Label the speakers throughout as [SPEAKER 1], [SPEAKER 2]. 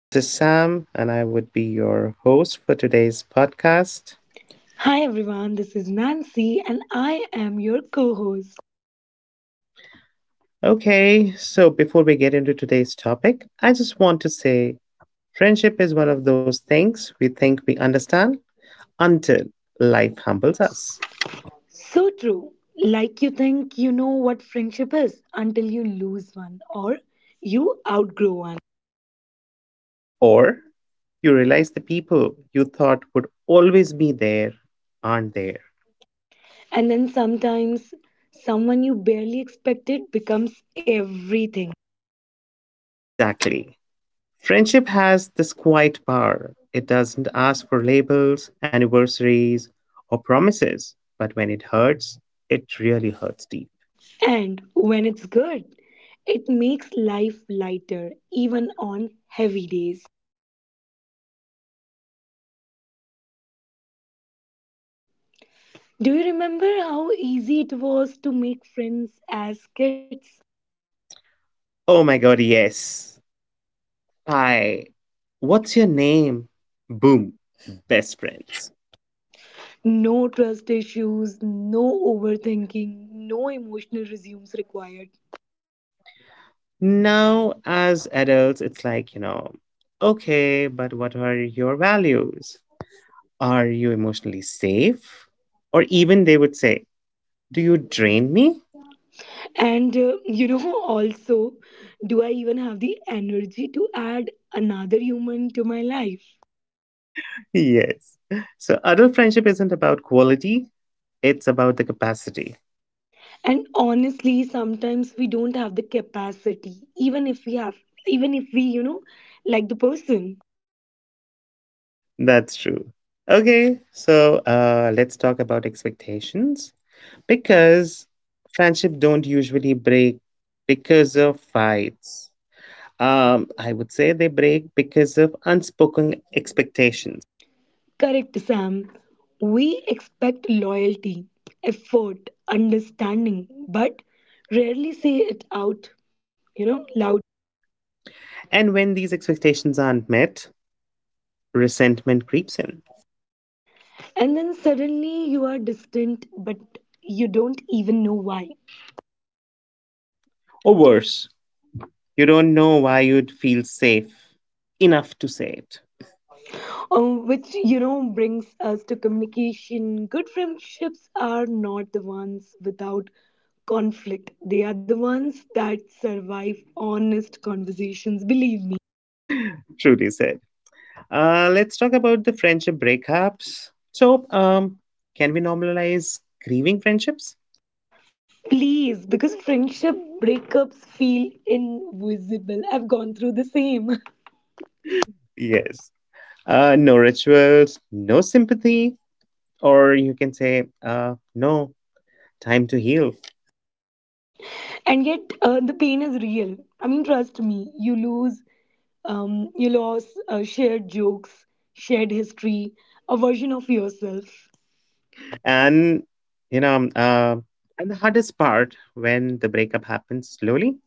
[SPEAKER 1] This is Sam, and I would be your host for today's podcast.
[SPEAKER 2] Hi everyone, this is Nancy and I am your co host.
[SPEAKER 1] Okay, so before we get into today's topic, I just want to say friendship is one of those things we think we understand until life humbles us.
[SPEAKER 2] So true. Like you think you know what friendship is until you lose one or you outgrow one.
[SPEAKER 1] Or you realize the people you thought would always be there aren't there.
[SPEAKER 2] And then sometimes someone you barely expected becomes everything.
[SPEAKER 1] Exactly. Friendship has this quiet power. It doesn't ask for labels, anniversaries, or promises, but when it hurts, it really hurts deep.
[SPEAKER 2] And when it's good, it makes life lighter even on heavy days. Do you remember how easy it was to make friends as kids?
[SPEAKER 1] Oh my god, yes. Hi. What's your name? Boom. Best friends.
[SPEAKER 2] No trust issues, no overthinking, no emotional resumes required.
[SPEAKER 1] Now, as adults, it's like, okay, but what are your values? Are you emotionally safe? Or even they would say, do you drain me?
[SPEAKER 2] And also, do I even have the energy to add another human to my life?
[SPEAKER 1] Yes. So adult friendship isn't about quality, it's about the capacity.
[SPEAKER 2] And honestly, sometimes we don't have the capacity, even if we have, even if we, like the person.
[SPEAKER 1] That's true. Let's talk about expectations because friendship don't usually break because of fights. I would say they break because of unspoken expectations.
[SPEAKER 2] Correct, Sam. We expect loyalty, effort, understanding, but rarely say it out, loudly.
[SPEAKER 1] And when these expectations aren't met, resentment creeps in.
[SPEAKER 2] And then suddenly you are distant, but you don't even know why.
[SPEAKER 1] Or worse, you don't know why you'd feel safe enough to say it.
[SPEAKER 2] Which brings us to communication. Good friendships are not the ones without conflict, they are the ones that survive honest conversations, believe me.
[SPEAKER 1] Truly said. Let's talk about the friendship breakups. So can we normalize grieving friendships?
[SPEAKER 2] Please, because friendship breakups feel invisible. I've gone through the same.
[SPEAKER 1] Yes. No rituals, no sympathy, or you can say, no time to heal.
[SPEAKER 2] And yet, the pain is real. I mean, trust me, you lost shared jokes, shared history, a version of yourself.
[SPEAKER 1] And you know, um, uh, and the hardest part when the breakup happens slowly,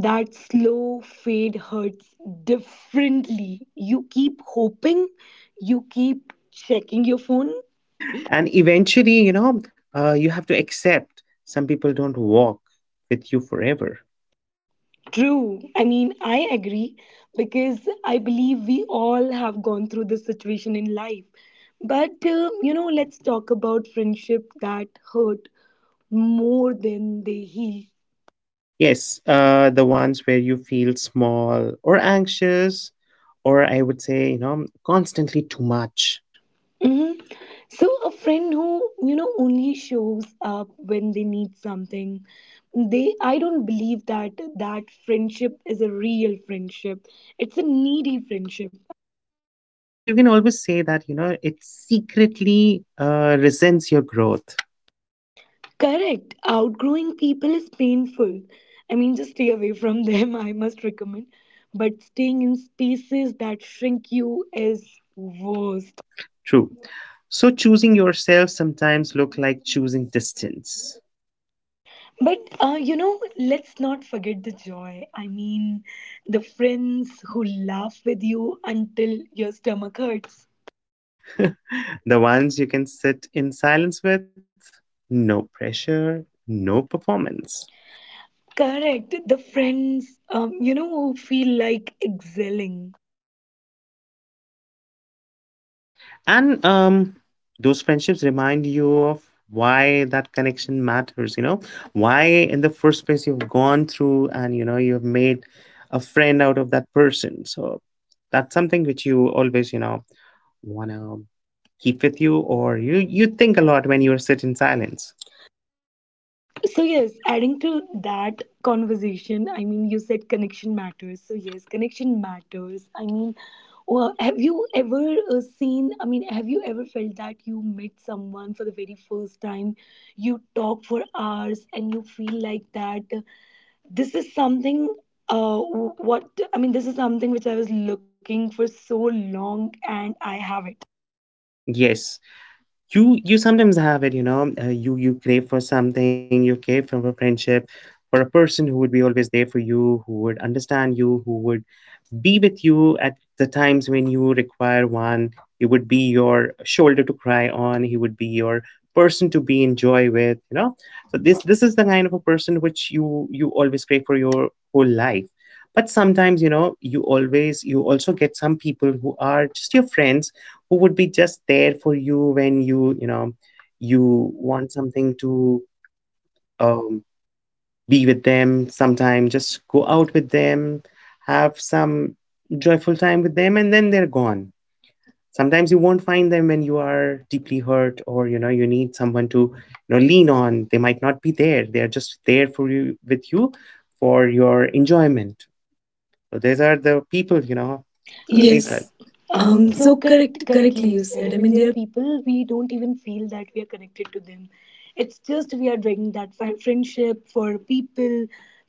[SPEAKER 2] That slow fade hurts differently. You keep hoping, you keep checking your phone.
[SPEAKER 1] and eventually, you have to accept some people don't walk with you forever.
[SPEAKER 2] True. I mean, I agree because I believe we all have gone through this situation in life. But, let's talk about friendship that hurt more than they heal.
[SPEAKER 1] Yes, the ones where you feel small or anxious, or I would say, you know, constantly too much.
[SPEAKER 2] Hmm. So a friend who only shows up when they need something, they I don't believe that that friendship is a real friendship. It's a needy friendship.
[SPEAKER 1] Or you can always say that, you know, it secretly resents your growth.
[SPEAKER 2] Correct. Outgrowing people is painful. I mean, just stay away from them. I must recommend. But staying in spaces that shrink you is worse.
[SPEAKER 1] True. So choosing yourself sometimes look like choosing distance.
[SPEAKER 2] But let's not forget the joy. I mean, the friends who laugh with you until your stomach hurts.
[SPEAKER 1] The ones you can sit in silence with, no pressure, no performance.
[SPEAKER 2] Correct. The friends, who feel like excelling.
[SPEAKER 1] And those friendships remind you of why that connection matters, why in the first place you've gone through and you've made a friend out of that person. So that's something which you always want to keep with you, or you think a lot when you sit in silence.
[SPEAKER 2] So, yes, adding to that conversation, I mean, you said connection matters. So, yes, connection matters. I mean, well, have you ever felt that you met someone for the very first time? You talk for hours and you feel like that this is something. Uh, what I mean, this is something which I was looking for so long, and I have it.
[SPEAKER 1] Yes. You sometimes have it, you know. You crave for something. You crave for a friendship, for a person who would be always there for you, who would understand you, who would be with you at the times when you require one. He would be your shoulder to cry on. He would be your person to be in joy with. You know. So this is the kind of a person which you always crave for your whole life. But sometimes, you know, you also get some people who are just your friends who would be just there for you when you want something to, um, be with them sometime, just go out with them, have some joyful time with them, and then they're gone. Sometimes you won't find them when you are deeply hurt, or, you know, you need someone to, you know, lean on. They might not be there. They are just there for you, with you, for your enjoyment. So these are the people, you know,
[SPEAKER 2] You
[SPEAKER 1] these are.
[SPEAKER 2] Yes.
[SPEAKER 1] Yes.
[SPEAKER 2] Um,
[SPEAKER 1] Um,
[SPEAKER 2] so
[SPEAKER 1] so
[SPEAKER 2] correct,
[SPEAKER 1] correct
[SPEAKER 2] correctly
[SPEAKER 1] correctly
[SPEAKER 2] you
[SPEAKER 1] you
[SPEAKER 2] said. I
[SPEAKER 1] said. I
[SPEAKER 2] mean,
[SPEAKER 1] mean,
[SPEAKER 2] there
[SPEAKER 1] they
[SPEAKER 2] are
[SPEAKER 1] are
[SPEAKER 2] people we don't even feel that we are connected to them. It's just we are doing that for friendship, for people,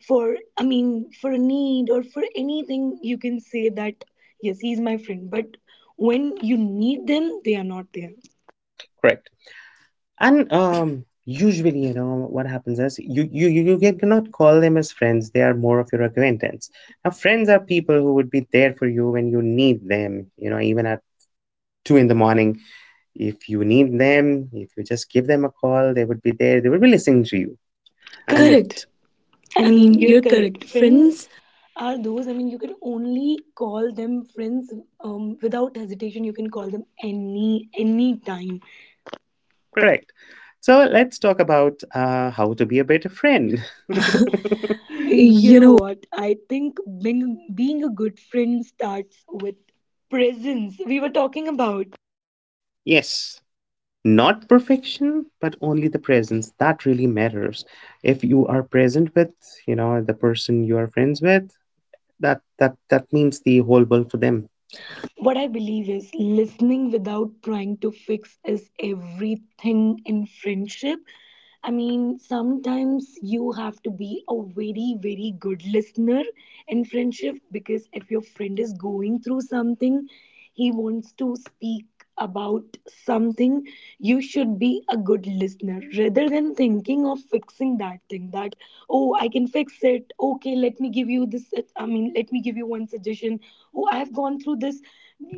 [SPEAKER 2] for I mean, for a need or for anything. You can say that yes, he's my friend, but when you need them, they are not there.
[SPEAKER 1] correct. And usually, what happens is you cannot call them as friends. They are more of your acquaintance. Now, friends are people who would be there for you when you need them. You know, even at two in the morning, if you need them, if you just give them a call, they would be there. They would be listening to you. And
[SPEAKER 2] And Correct.
[SPEAKER 1] correct.
[SPEAKER 2] I
[SPEAKER 1] I mean,
[SPEAKER 2] mean, you're
[SPEAKER 1] you're correct.
[SPEAKER 2] correct. Friends
[SPEAKER 1] Friends,
[SPEAKER 2] are those. I mean, you can only call them friends without hesitation. You can call them any time.
[SPEAKER 1] correct. So let's talk about how to be a better friend.
[SPEAKER 2] You
[SPEAKER 1] You
[SPEAKER 2] know
[SPEAKER 1] know,
[SPEAKER 2] what? I think being a good friend starts with presence. We were talking about
[SPEAKER 1] yes, not perfection but only the presence that really matters. If you are present with, you know, the person you are friends with, that means the whole world for them.
[SPEAKER 2] what I believe is listening without trying to fix is everything in friendship. I mean, sometimes you have to be a very, very good listener in friendship, because if your friend is going through something, he wants to speak about something, you should be a good listener rather than thinking of fixing that thing that, oh, I can fix it. Okay, let me give you this. I mean, let me give you one suggestion. Oh, I've gone through this.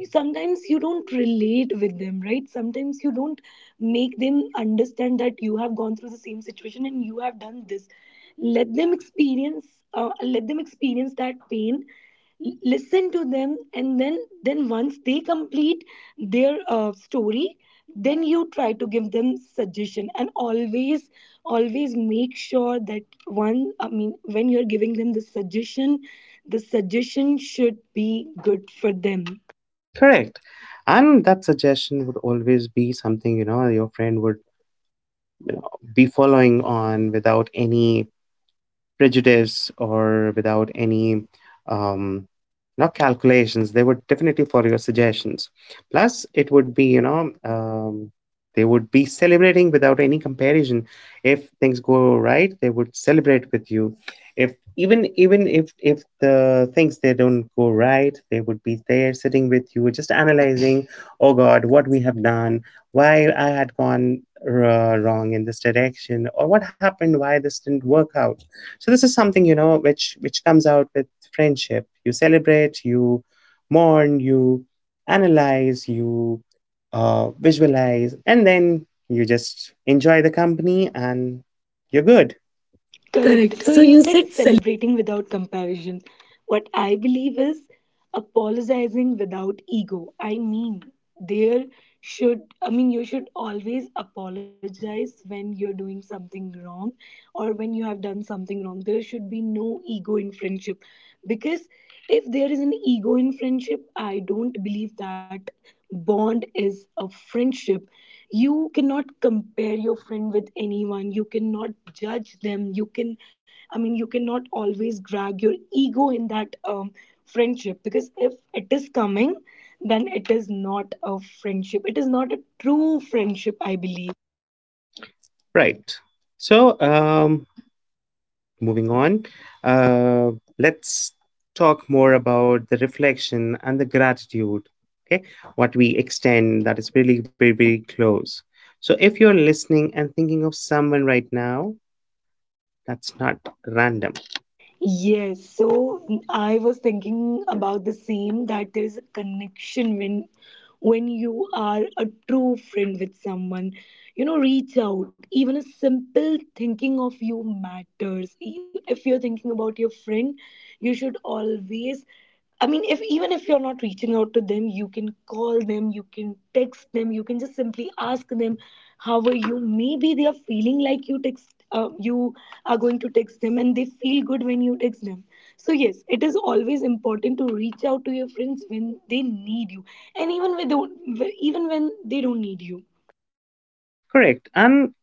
[SPEAKER 2] Sometimes you don't relate with them, right? Sometimes you don't make them understand that you have gone through the same situation and you have done this. Let them experience. Let them experience that pain. Listen to them, and then once they complete their story, then you try to give them suggestion, and always make sure that one I mean, when you're giving them the suggestion should be good for them.
[SPEAKER 1] Correct. And that suggestion would always be something, you know, your friend would, you know, be following on without any prejudice or without any, um, not calculations. They would definitely follow your suggestions. Plus it would be you know um, they would be celebrating without any comparison. If things go right, they would celebrate with you. If, even if the things they don't go right, they would be there sitting with you just analyzing, oh god, what we have done, why I had gone wrong in this direction, or what happened, why this didn't work out. So this is something, you know, which comes out with friendship. You celebrate, you mourn, you analyze, you, visualize, and then you just enjoy the company and you're good.
[SPEAKER 2] Correct.
[SPEAKER 1] Correct.
[SPEAKER 2] So
[SPEAKER 1] So
[SPEAKER 2] you
[SPEAKER 1] you
[SPEAKER 2] said
[SPEAKER 1] said
[SPEAKER 2] celebrating without comparison. What I believe is apologizing without ego. I mean, there you should always apologize when you're doing something wrong or when you have done something wrong. There should be no ego in friendship, because if there is an ego in friendship, I don't believe that bond is a friendship. You cannot compare your friend with anyone, you cannot judge them, you can I mean, you cannot always drag your ego in that friendship, because if it is coming, then it is not a friendship, it is not a true friendship, I believe.
[SPEAKER 1] right. So um, Moving on, uh, let's talk more about the reflection and the gratitude. Okay, what we extend that is really very, very close. So if you're listening and thinking of someone right now, that's not random.
[SPEAKER 2] Yes, so I was thinking about the same, that there is a connection when you are a true friend with someone. You know, reach out. Even a simple thinking of you matters. If you're thinking about your friend, you should always I mean, if even if you're not reaching out to them, you can call them, you can text them, you can just simply ask them, "How are you?" Maybe they are feeling like you are going to text them, and they feel good when you text them. So yes, it is always important to reach out to your friends when they need you, and even when they don't need you.
[SPEAKER 1] Correct. And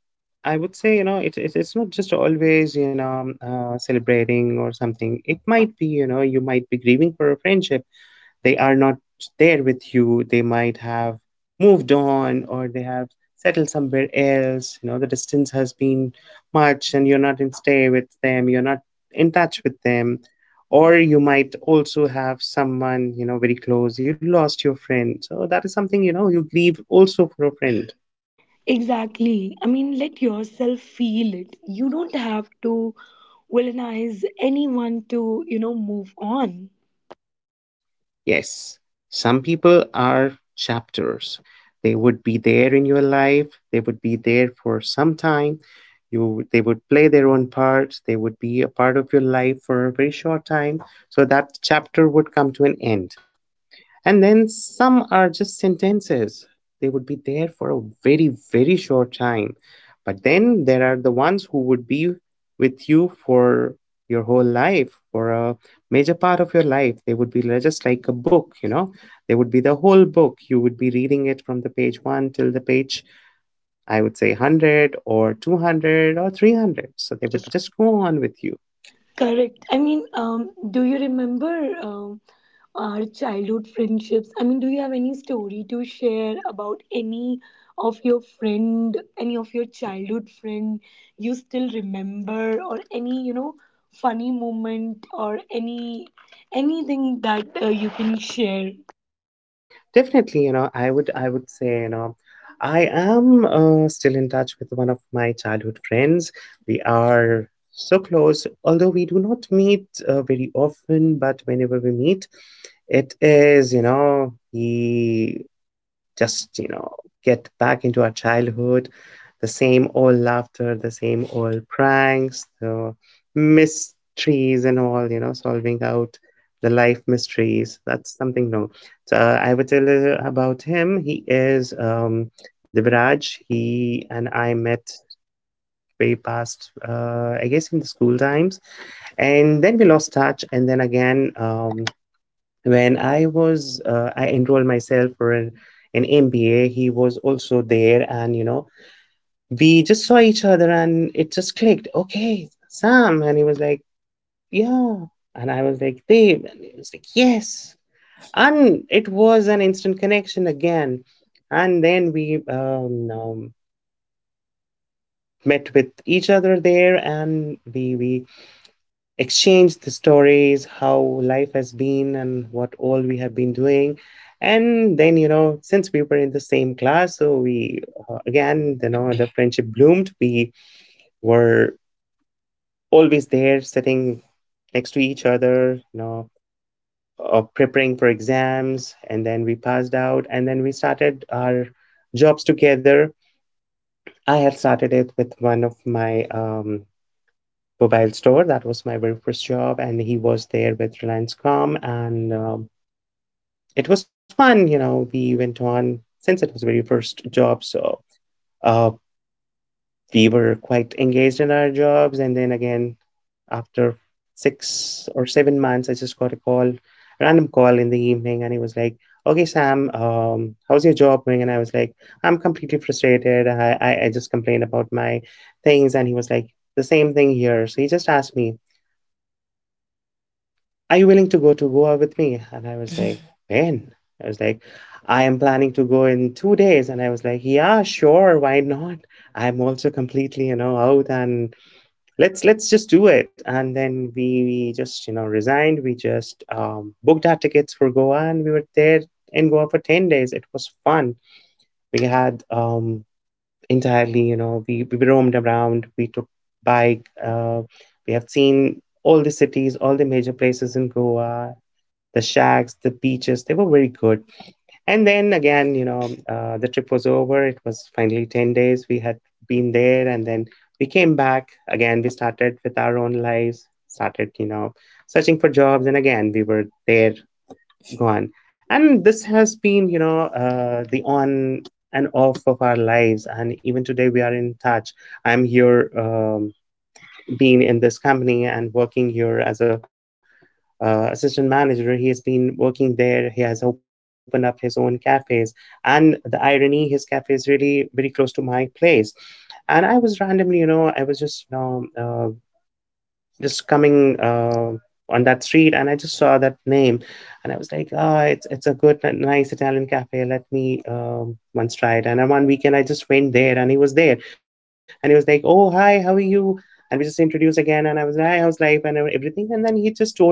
[SPEAKER 1] I would say, you know, it's not just always, you know, celebrating or something. It might be, you know, you might be grieving for a friendship. They are not there with you. They might have moved on, or they have settled somewhere else. You know, the distance has been much, and you're not in stay with them. You're not in touch with them. Or you might also have someone, you know, very close. You lost your friend. So that is something, you know, you grieve also for a friend.
[SPEAKER 2] Exactly. I mean, let yourself feel it. You don't have to villainize anyone to move on.
[SPEAKER 1] Yes, some people are chapters. They would be there in your life. They would be there for some time. You, they would play their own parts. They would be a part of your life for a very short time. So that chapter would come to an end. And then some are just sentences. They would be there for a very, very short time. But then there are the ones who would be with you for your whole life, for a major part of your life. They would be just like a book, you know? They would be the whole book. You would be reading it from the page one till the page, I would say 100 or 200 or 300.
[SPEAKER 2] But
[SPEAKER 1] So
[SPEAKER 2] we
[SPEAKER 1] they would
[SPEAKER 2] just.
[SPEAKER 1] just go on with you.
[SPEAKER 2] Correct. I mean, do you remember our childhood friendships? I mean, do you have any story to share about any of your friend, any of your childhood friend you still remember, or any funny moment, or anything that you can share?
[SPEAKER 1] Definitely, you know, I would say, you know, I am still in touch with one of my childhood friends. We are so close, although we do not meet very often, but whenever we meet, it is, you know, we just get back into our childhood, the same old laughter, the same old pranks, the mysteries and all, you know, solving out the life mysteries. That's something new. So I would tell you about him. He is Dibraj. He and I met way past, I guess, in the school times, and then we lost touch and then again when I was, I enrolled myself for an MBA. He was also there, and you know, we just saw each other, and it just clicked. Okay, Sam. And he was like, yeah. And I was like, Dave. And he was like, yes. And it was an instant connection again. And then we met with each other there, and we exchange the stories, how life has been, and what all we have been doing. And then, you know, since we were in the same class, so we, again, you know, the friendship bloomed. We were always there sitting next to each other, you know, preparing for exams. And then we passed out, and then we started our jobs together. I had started it with one of my mobile store. That was my very first job, and he was there with Reliance Com, and it was fun. You know, we went on. Since it was very first job, so, uh, we were quite engaged in our jobs. And then again, after 6 or 7 months, I just got a call, random call in the evening, and he was like, "Okay, Sam, how's your job going?" And I was like, "I'm completely frustrated. I just complained about my things," and he was like, "The same thing here." So he just asked me, are you willing to go to Goa with me? And I was like, when? I was like, I am planning to go in 2 days. And I was like, yeah, sure, why not? I'm also completely, you know, out, and let's just do it. And then we just, you know, resigned. We just, booked our tickets for Goa, and we were there in Goa for 10 days. It was fun. We had entirely, we roamed around. We took bike. We have seen all the cities, all the major places in Goa, the shacks, the beaches, they were very good. And then again, the trip was over. It was finally 10 days we had been there. And then we came back. Again, we started with our own lives, started, searching for jobs. And again, we were there, gone. And this has been, the on and off of our lives. And even today, we are in touch. I'm here. Been in this company and working here as a assistant manager. He has been working there. He has opened up his own cafes. And the irony, his cafe is really very close to my place. And I was randomly, I was just, just coming on that street and I just saw that name and I was like, oh, it's a good, nice Italian cafe. Let me once try it. And on one weekend, I just went there and he was there and he was like, oh, hi, how are you? And we just introduced again and I was like, hi, how's life and everything. And then he just told me,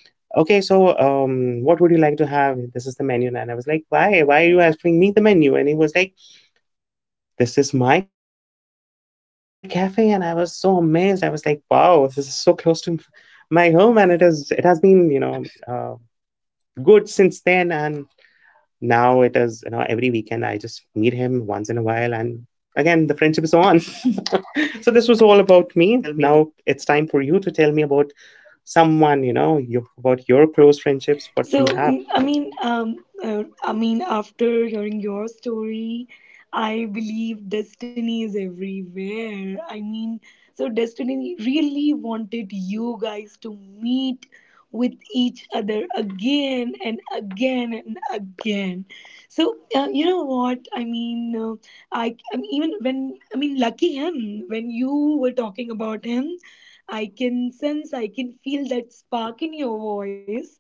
[SPEAKER 1] okay, so what would you like to have? This is the menu. And I was like, why? Why are you asking me the menu? And he was like, this is my cafe, and I was so amazed. I was like, wow, this is so close to my home, and it is. It has been, good since then, and now it is. You know, every weekend I just meet him once in a while, and again the friendship is on. So this was all about me. Now
[SPEAKER 2] Tell me.
[SPEAKER 1] it's time for you to tell me about someone, about your close friendships, what you have.
[SPEAKER 2] So after hearing your story, I believe destiny is everywhere. I mean, so destiny really wanted you guys to meet with each other again and again and again. So you know what I mean? I mean, even when I mean, lucky him when you were talking about him. I can sense, I can feel that spark in your voice.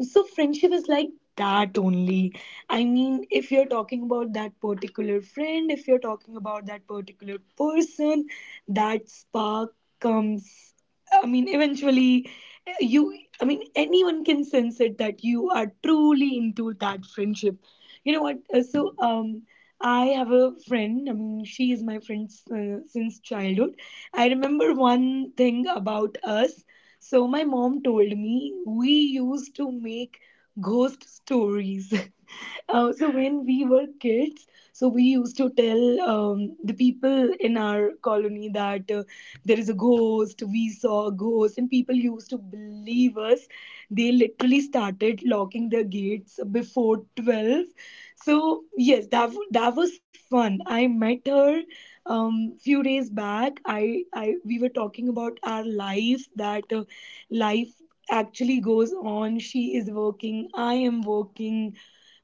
[SPEAKER 2] So friendship is like that only. I mean, if you're talking about that particular friend, if you're talking about that particular person, that spark comes, I mean, eventually. You I mean Anyone can sense it that you are truly into that friendship. You know what, I have a friend. I mean, she is my friend since childhood. I remember one thing about us. So my mom told me we used to make ghost stories. So when we were kids, so we used to tell the people in our colony that there is a ghost, we saw a ghost, and people used to believe us. They literally started locking their gates before 12. So yes, that was fun. I met her few days back. I, we were talking about our lives, that life actually goes on. She is working, I am working.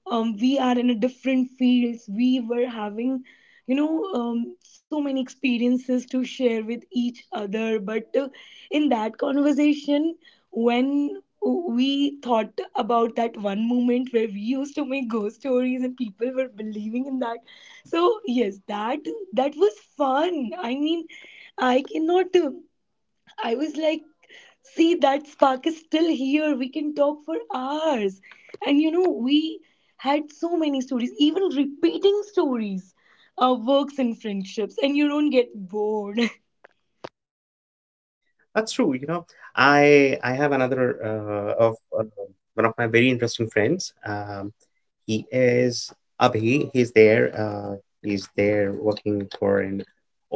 [SPEAKER 2] We are in a different fields. We were having so many experiences to share with each other. But in that conversation, when we thought about that one moment where we used to make ghost stories and people were believing in that. So yes, that was fun. I mean, I cannot I was like, see, that spark is still here. We can talk for hours. And you know, we had so many stories, even repeating stories, works and friendships, and you don't get bored.
[SPEAKER 1] That's true. I have another of one of my very interesting friends. He is Abhi. He's there. He's there working for an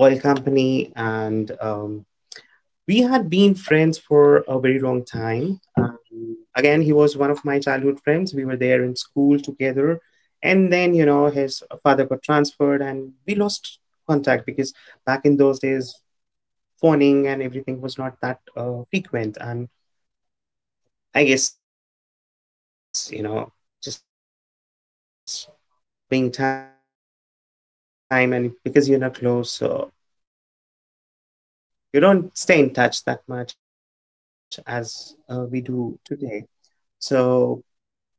[SPEAKER 1] oil company, and we had been friends for a very long time. Again, he was one of my childhood friends. We were there in school together, and then you know his father got transferred, and we lost contact because back in those days phoning and everything was not that frequent. And I guess, you know, just being time and because you're not close, so you don't stay in touch that much as we do today. So he was gone. And then, once one fine day, I was just scrolling through um,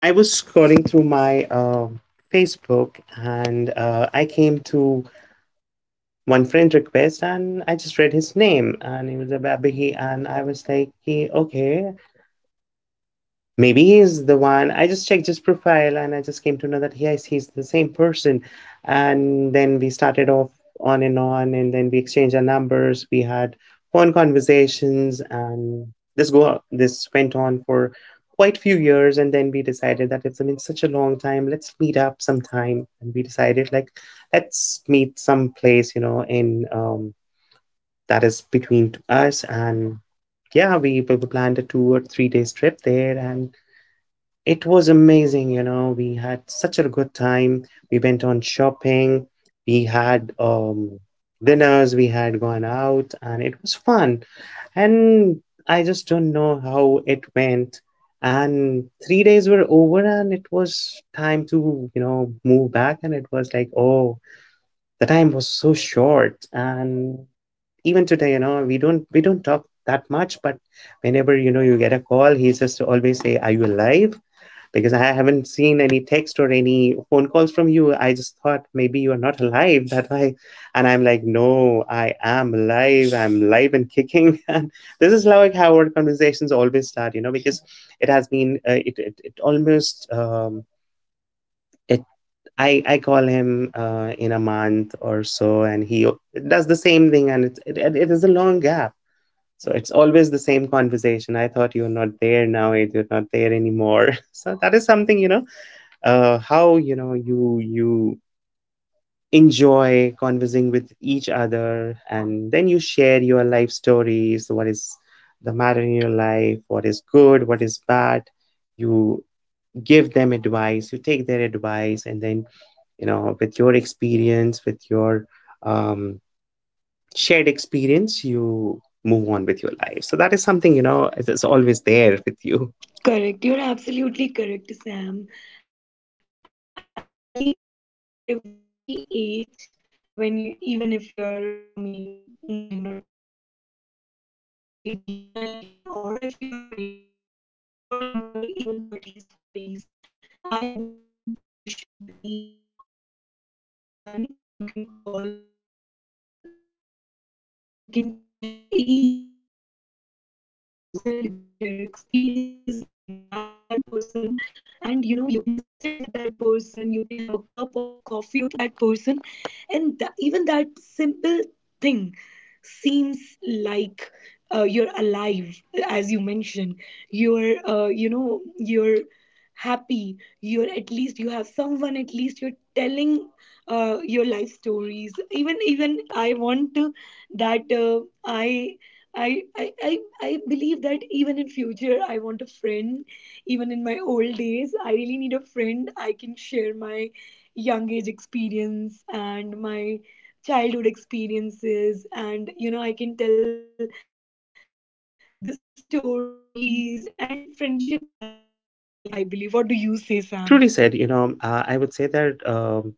[SPEAKER 1] my Facebook, and I came to one friend request and I just read his name and it was a Babihi and I was like, "He- okay, maybe he's the one." I just checked his profile and I just came to know that yes, he's the same person. And then we started off on and on, and then we exchanged our numbers. We had phone conversations, and this went on for quite few years, and then we decided that it's been such a long time. Let's meet up sometime, and we decided like, let's meet someplace, you know in that is between us. And yeah, we planned a 2 or 3 days trip there, and it was amazing. You know, we had such a good time. We went on shopping, we had dinners, we had gone out, and it was fun. And I just don't know how it went, and 3 days were over and it was time to, you know, move back. And it was like, oh, the time was so short. And even today, you know, we don't talk that much, but whenever, you know, you get a call, he just always say are you alive? Because I haven't seen any text or any phone calls from you. I just thought maybe you are not alive. That why. And I'm like, no, I am alive, I'm live and kicking. And this is like how our conversations always start, you know, because it has been it, it it almost I call him in a month or so, and he does the same thing, and it's it, it it is a long gap. So it's always the same conversation. I thought you're not there now, it you're not there anymore. So that is something, how you know you enjoy conversing with each other, and then you share your life stories. What is the matter in your life? What is good? What is bad? You give them advice, you take their advice, and then, you know, with your experience, with your um, shared experience, you move on with your life. So that is something, you know, it is always there with you.
[SPEAKER 2] Correct. You're absolutely correct, Sam. I believe in every age, even if you're, I mean, 9 or 10, if you're 18 or 19, or if you're 25, 26, or in your even 30s, 40s, I believe there should be always a person you can call a friend, and you can share each and everything with that person. You can share your experiences, you can laugh with that person, and you know you can just sit with that person, you can have a cup of coffee or tea with that person, and even that simple thing seems like you're alive, as you mentioned. You're happy, you're at least you have someone, at least you're telling your life stories. Even I want to that I, I I believe that even in future I want a friend. Even in my old days, I really need a friend. I can share my young age experience and my childhood experiences, and you know I can tell the stories. And friendship has no age limit, I believe. What do you say, Sam?
[SPEAKER 1] Truly said. You know, I would say that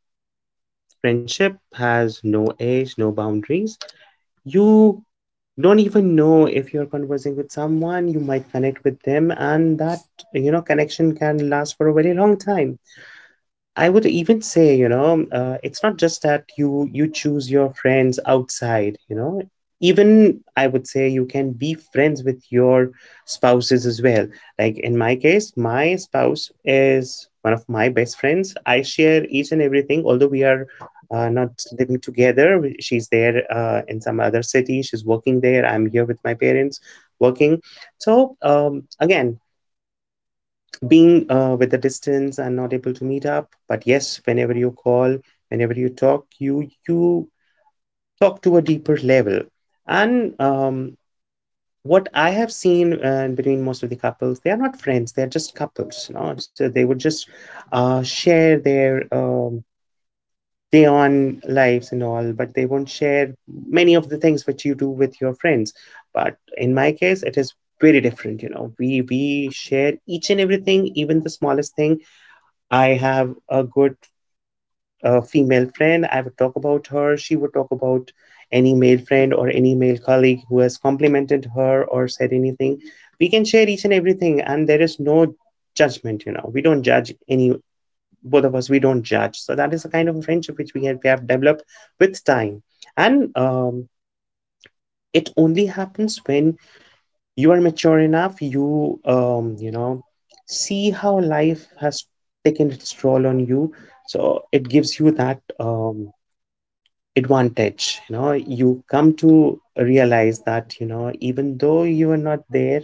[SPEAKER 1] friendship has no age, no boundaries. You don't even know if you're conversing with someone, you might connect with them, and that, you know, connection can last for a very long time. I would even say, it's not just that you choose your friends outside, you know. Even I would say you can be friends with your spouses as well. Like in my case, my spouse is one of my best friends. I share each and everything, although we are not living together. She's there in some other city. She's working there. I'm here with my parents working. So again, being with the distance and not able to meet up, but yes, whenever you call, whenever you talk, you talk to a deeper level. And what I have seen, between most of the couples, they are not friends, they are just couples, you know. So they would just share their day on lives and all, but they won't share many of the things which you do with your friends. But in my case, it is very different. You know, we share each and everything, even the smallest thing. I have a good female friend. I would talk about her. She would talk about any male friend or any male colleague who has complimented her or said anything. We can share each and everything, and there is no judgment, you know. We don't judge any, both of us, we don't judge. So that is a kind of friendship which we have developed with time. And it only happens when you are mature enough, you you know, see how life has taken its toll on you. So it gives you that advantage, you know. You come to realize that, you know, even though you are not there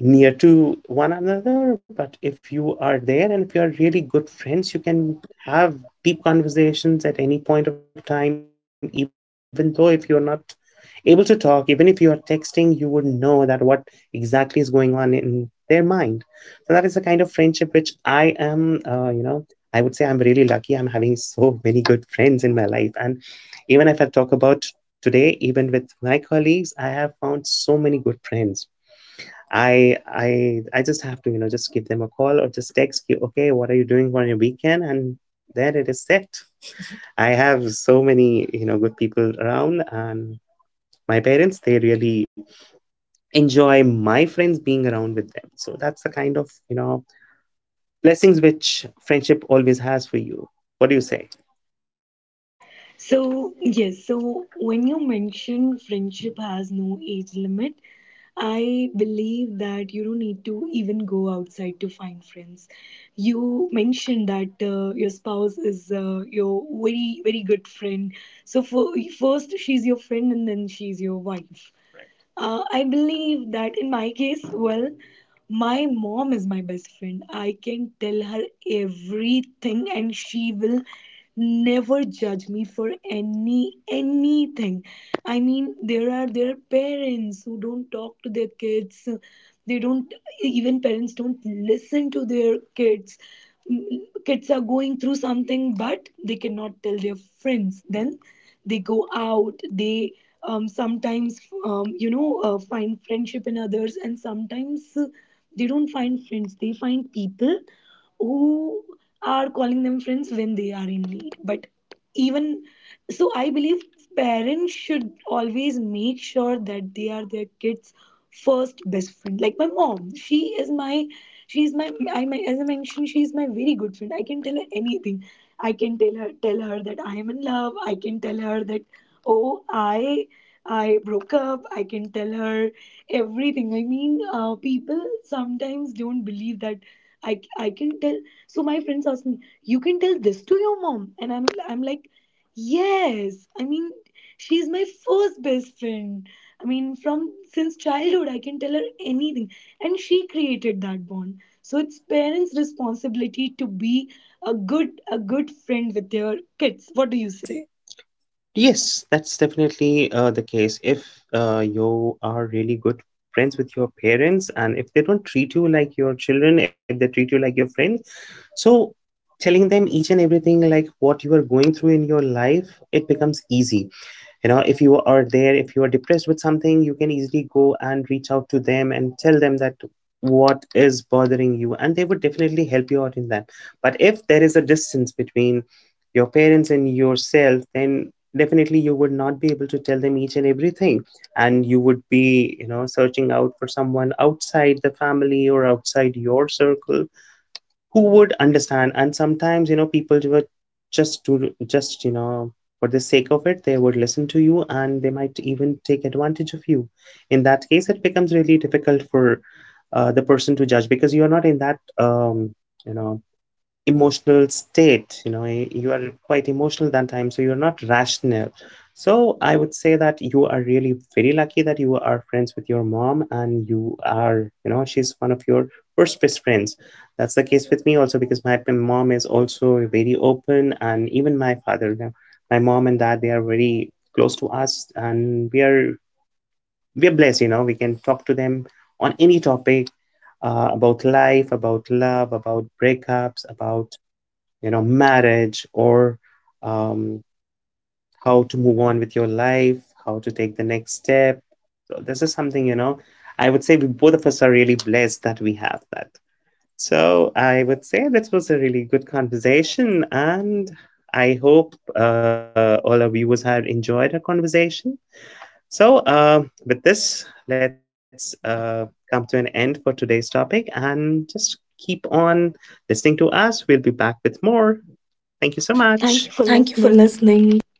[SPEAKER 1] near to one another, but if you are there and if you are really good friends, you can have deep conversations at any point of time, even though if you're not able to talk, even if you are texting, you would know that what exactly is going on in their mind. So that is the kind of friendship which I am, you know, I would say, I'm really lucky. I'm having so many good friends in my life. And even if I talk about today, even with my colleagues, I have found so many good friends. I just have to, you know, just give them a call or just text you, okay, what are you doing on your weekend? And there it is set. I have so many, you know, good people around, and my parents, they really enjoy my friends being around with them. So that's the kind of, you know, blessings which friendship always has for you. What do you say?
[SPEAKER 2] So, yes, so when you mention friendship has no age limit, I believe that you don't need to even go outside to find friends. You mentioned that your spouse is your very, very good friend. So, first, she's your friend, and then she's your wife. Right. I believe that in my case, well, my mom is my best friend. I can tell her everything, and she will never judge me for anything. I mean, there are parents who don't talk to their kids. They don't even parents don't listen to their kids. Kids are going through something, but they cannot tell their friends. Then they go out, they sometimes find friendship in others, and sometimes they don't find friends, they find people who are calling them friends when they are in need. But even so, I believe parents should always make sure that they are their kids first best friend. Like my mom, she is my I my as I mentioned, she is my very good friend. I can tell her anything, I can tell her that I am in love. I can tell her that oh, I broke up. I can tell her everything. I mean, people sometimes don't believe that i I can tell. So my friends ask me, you can tell this to your mom, and I'm like, yes, I mean, she's my first best friend. I mean, from since childhood, I can tell her anything, and she created that bond. So it's parents' responsibility to be a good friend with their kids. What do you
[SPEAKER 1] You
[SPEAKER 2] say?
[SPEAKER 1] say. Yes, that's definitely the case. If you are really good friends with your parents, and if they don't treat you like your children, if they treat you like your friend, so telling them each and everything, like what you are going through in your life, it becomes easy. You know, if you are there, if you are depressed with something, you can easily go and reach out to them and tell them that what is bothering you, and they would definitely help you out in that. But if there is a distance between your parents and yourself, then definitely you would not be able to tell them each and everything, and you would be, you know, searching out for someone outside the family or outside your circle who would understand. And sometimes, you know, people were just to just, you know, for the sake of it, they would listen to you, and they might even take advantage of you. In that case, it becomes really difficult for the person to judge, because you are not in that you know, emotional state. You know, you are quite emotional that time, so you're not rational. So I would say that you are really very lucky that you are friends with your mom, and you are, you know, she's one of your first best friends. That's the case with me also, because my mom is also very open, and even my father now, my mom and dad, they are very close to us, and we are blessed. You know, we can talk to them on any topic, about life, about love, about breakups, about, you know, marriage, or um, how to move on with your life, how to take the next step. So this is something, you know, I would say we both of us are really blessed that we have that. So I would say this was a really good conversation, and I hope all our viewers have enjoyed our conversation. So, with this, let's come to an end for today's topic and just keep on listening to us. We'll be back with more. Thank you so
[SPEAKER 2] Thank you
[SPEAKER 1] much.
[SPEAKER 2] for
[SPEAKER 1] Thank you for
[SPEAKER 2] listening.
[SPEAKER 1] listening.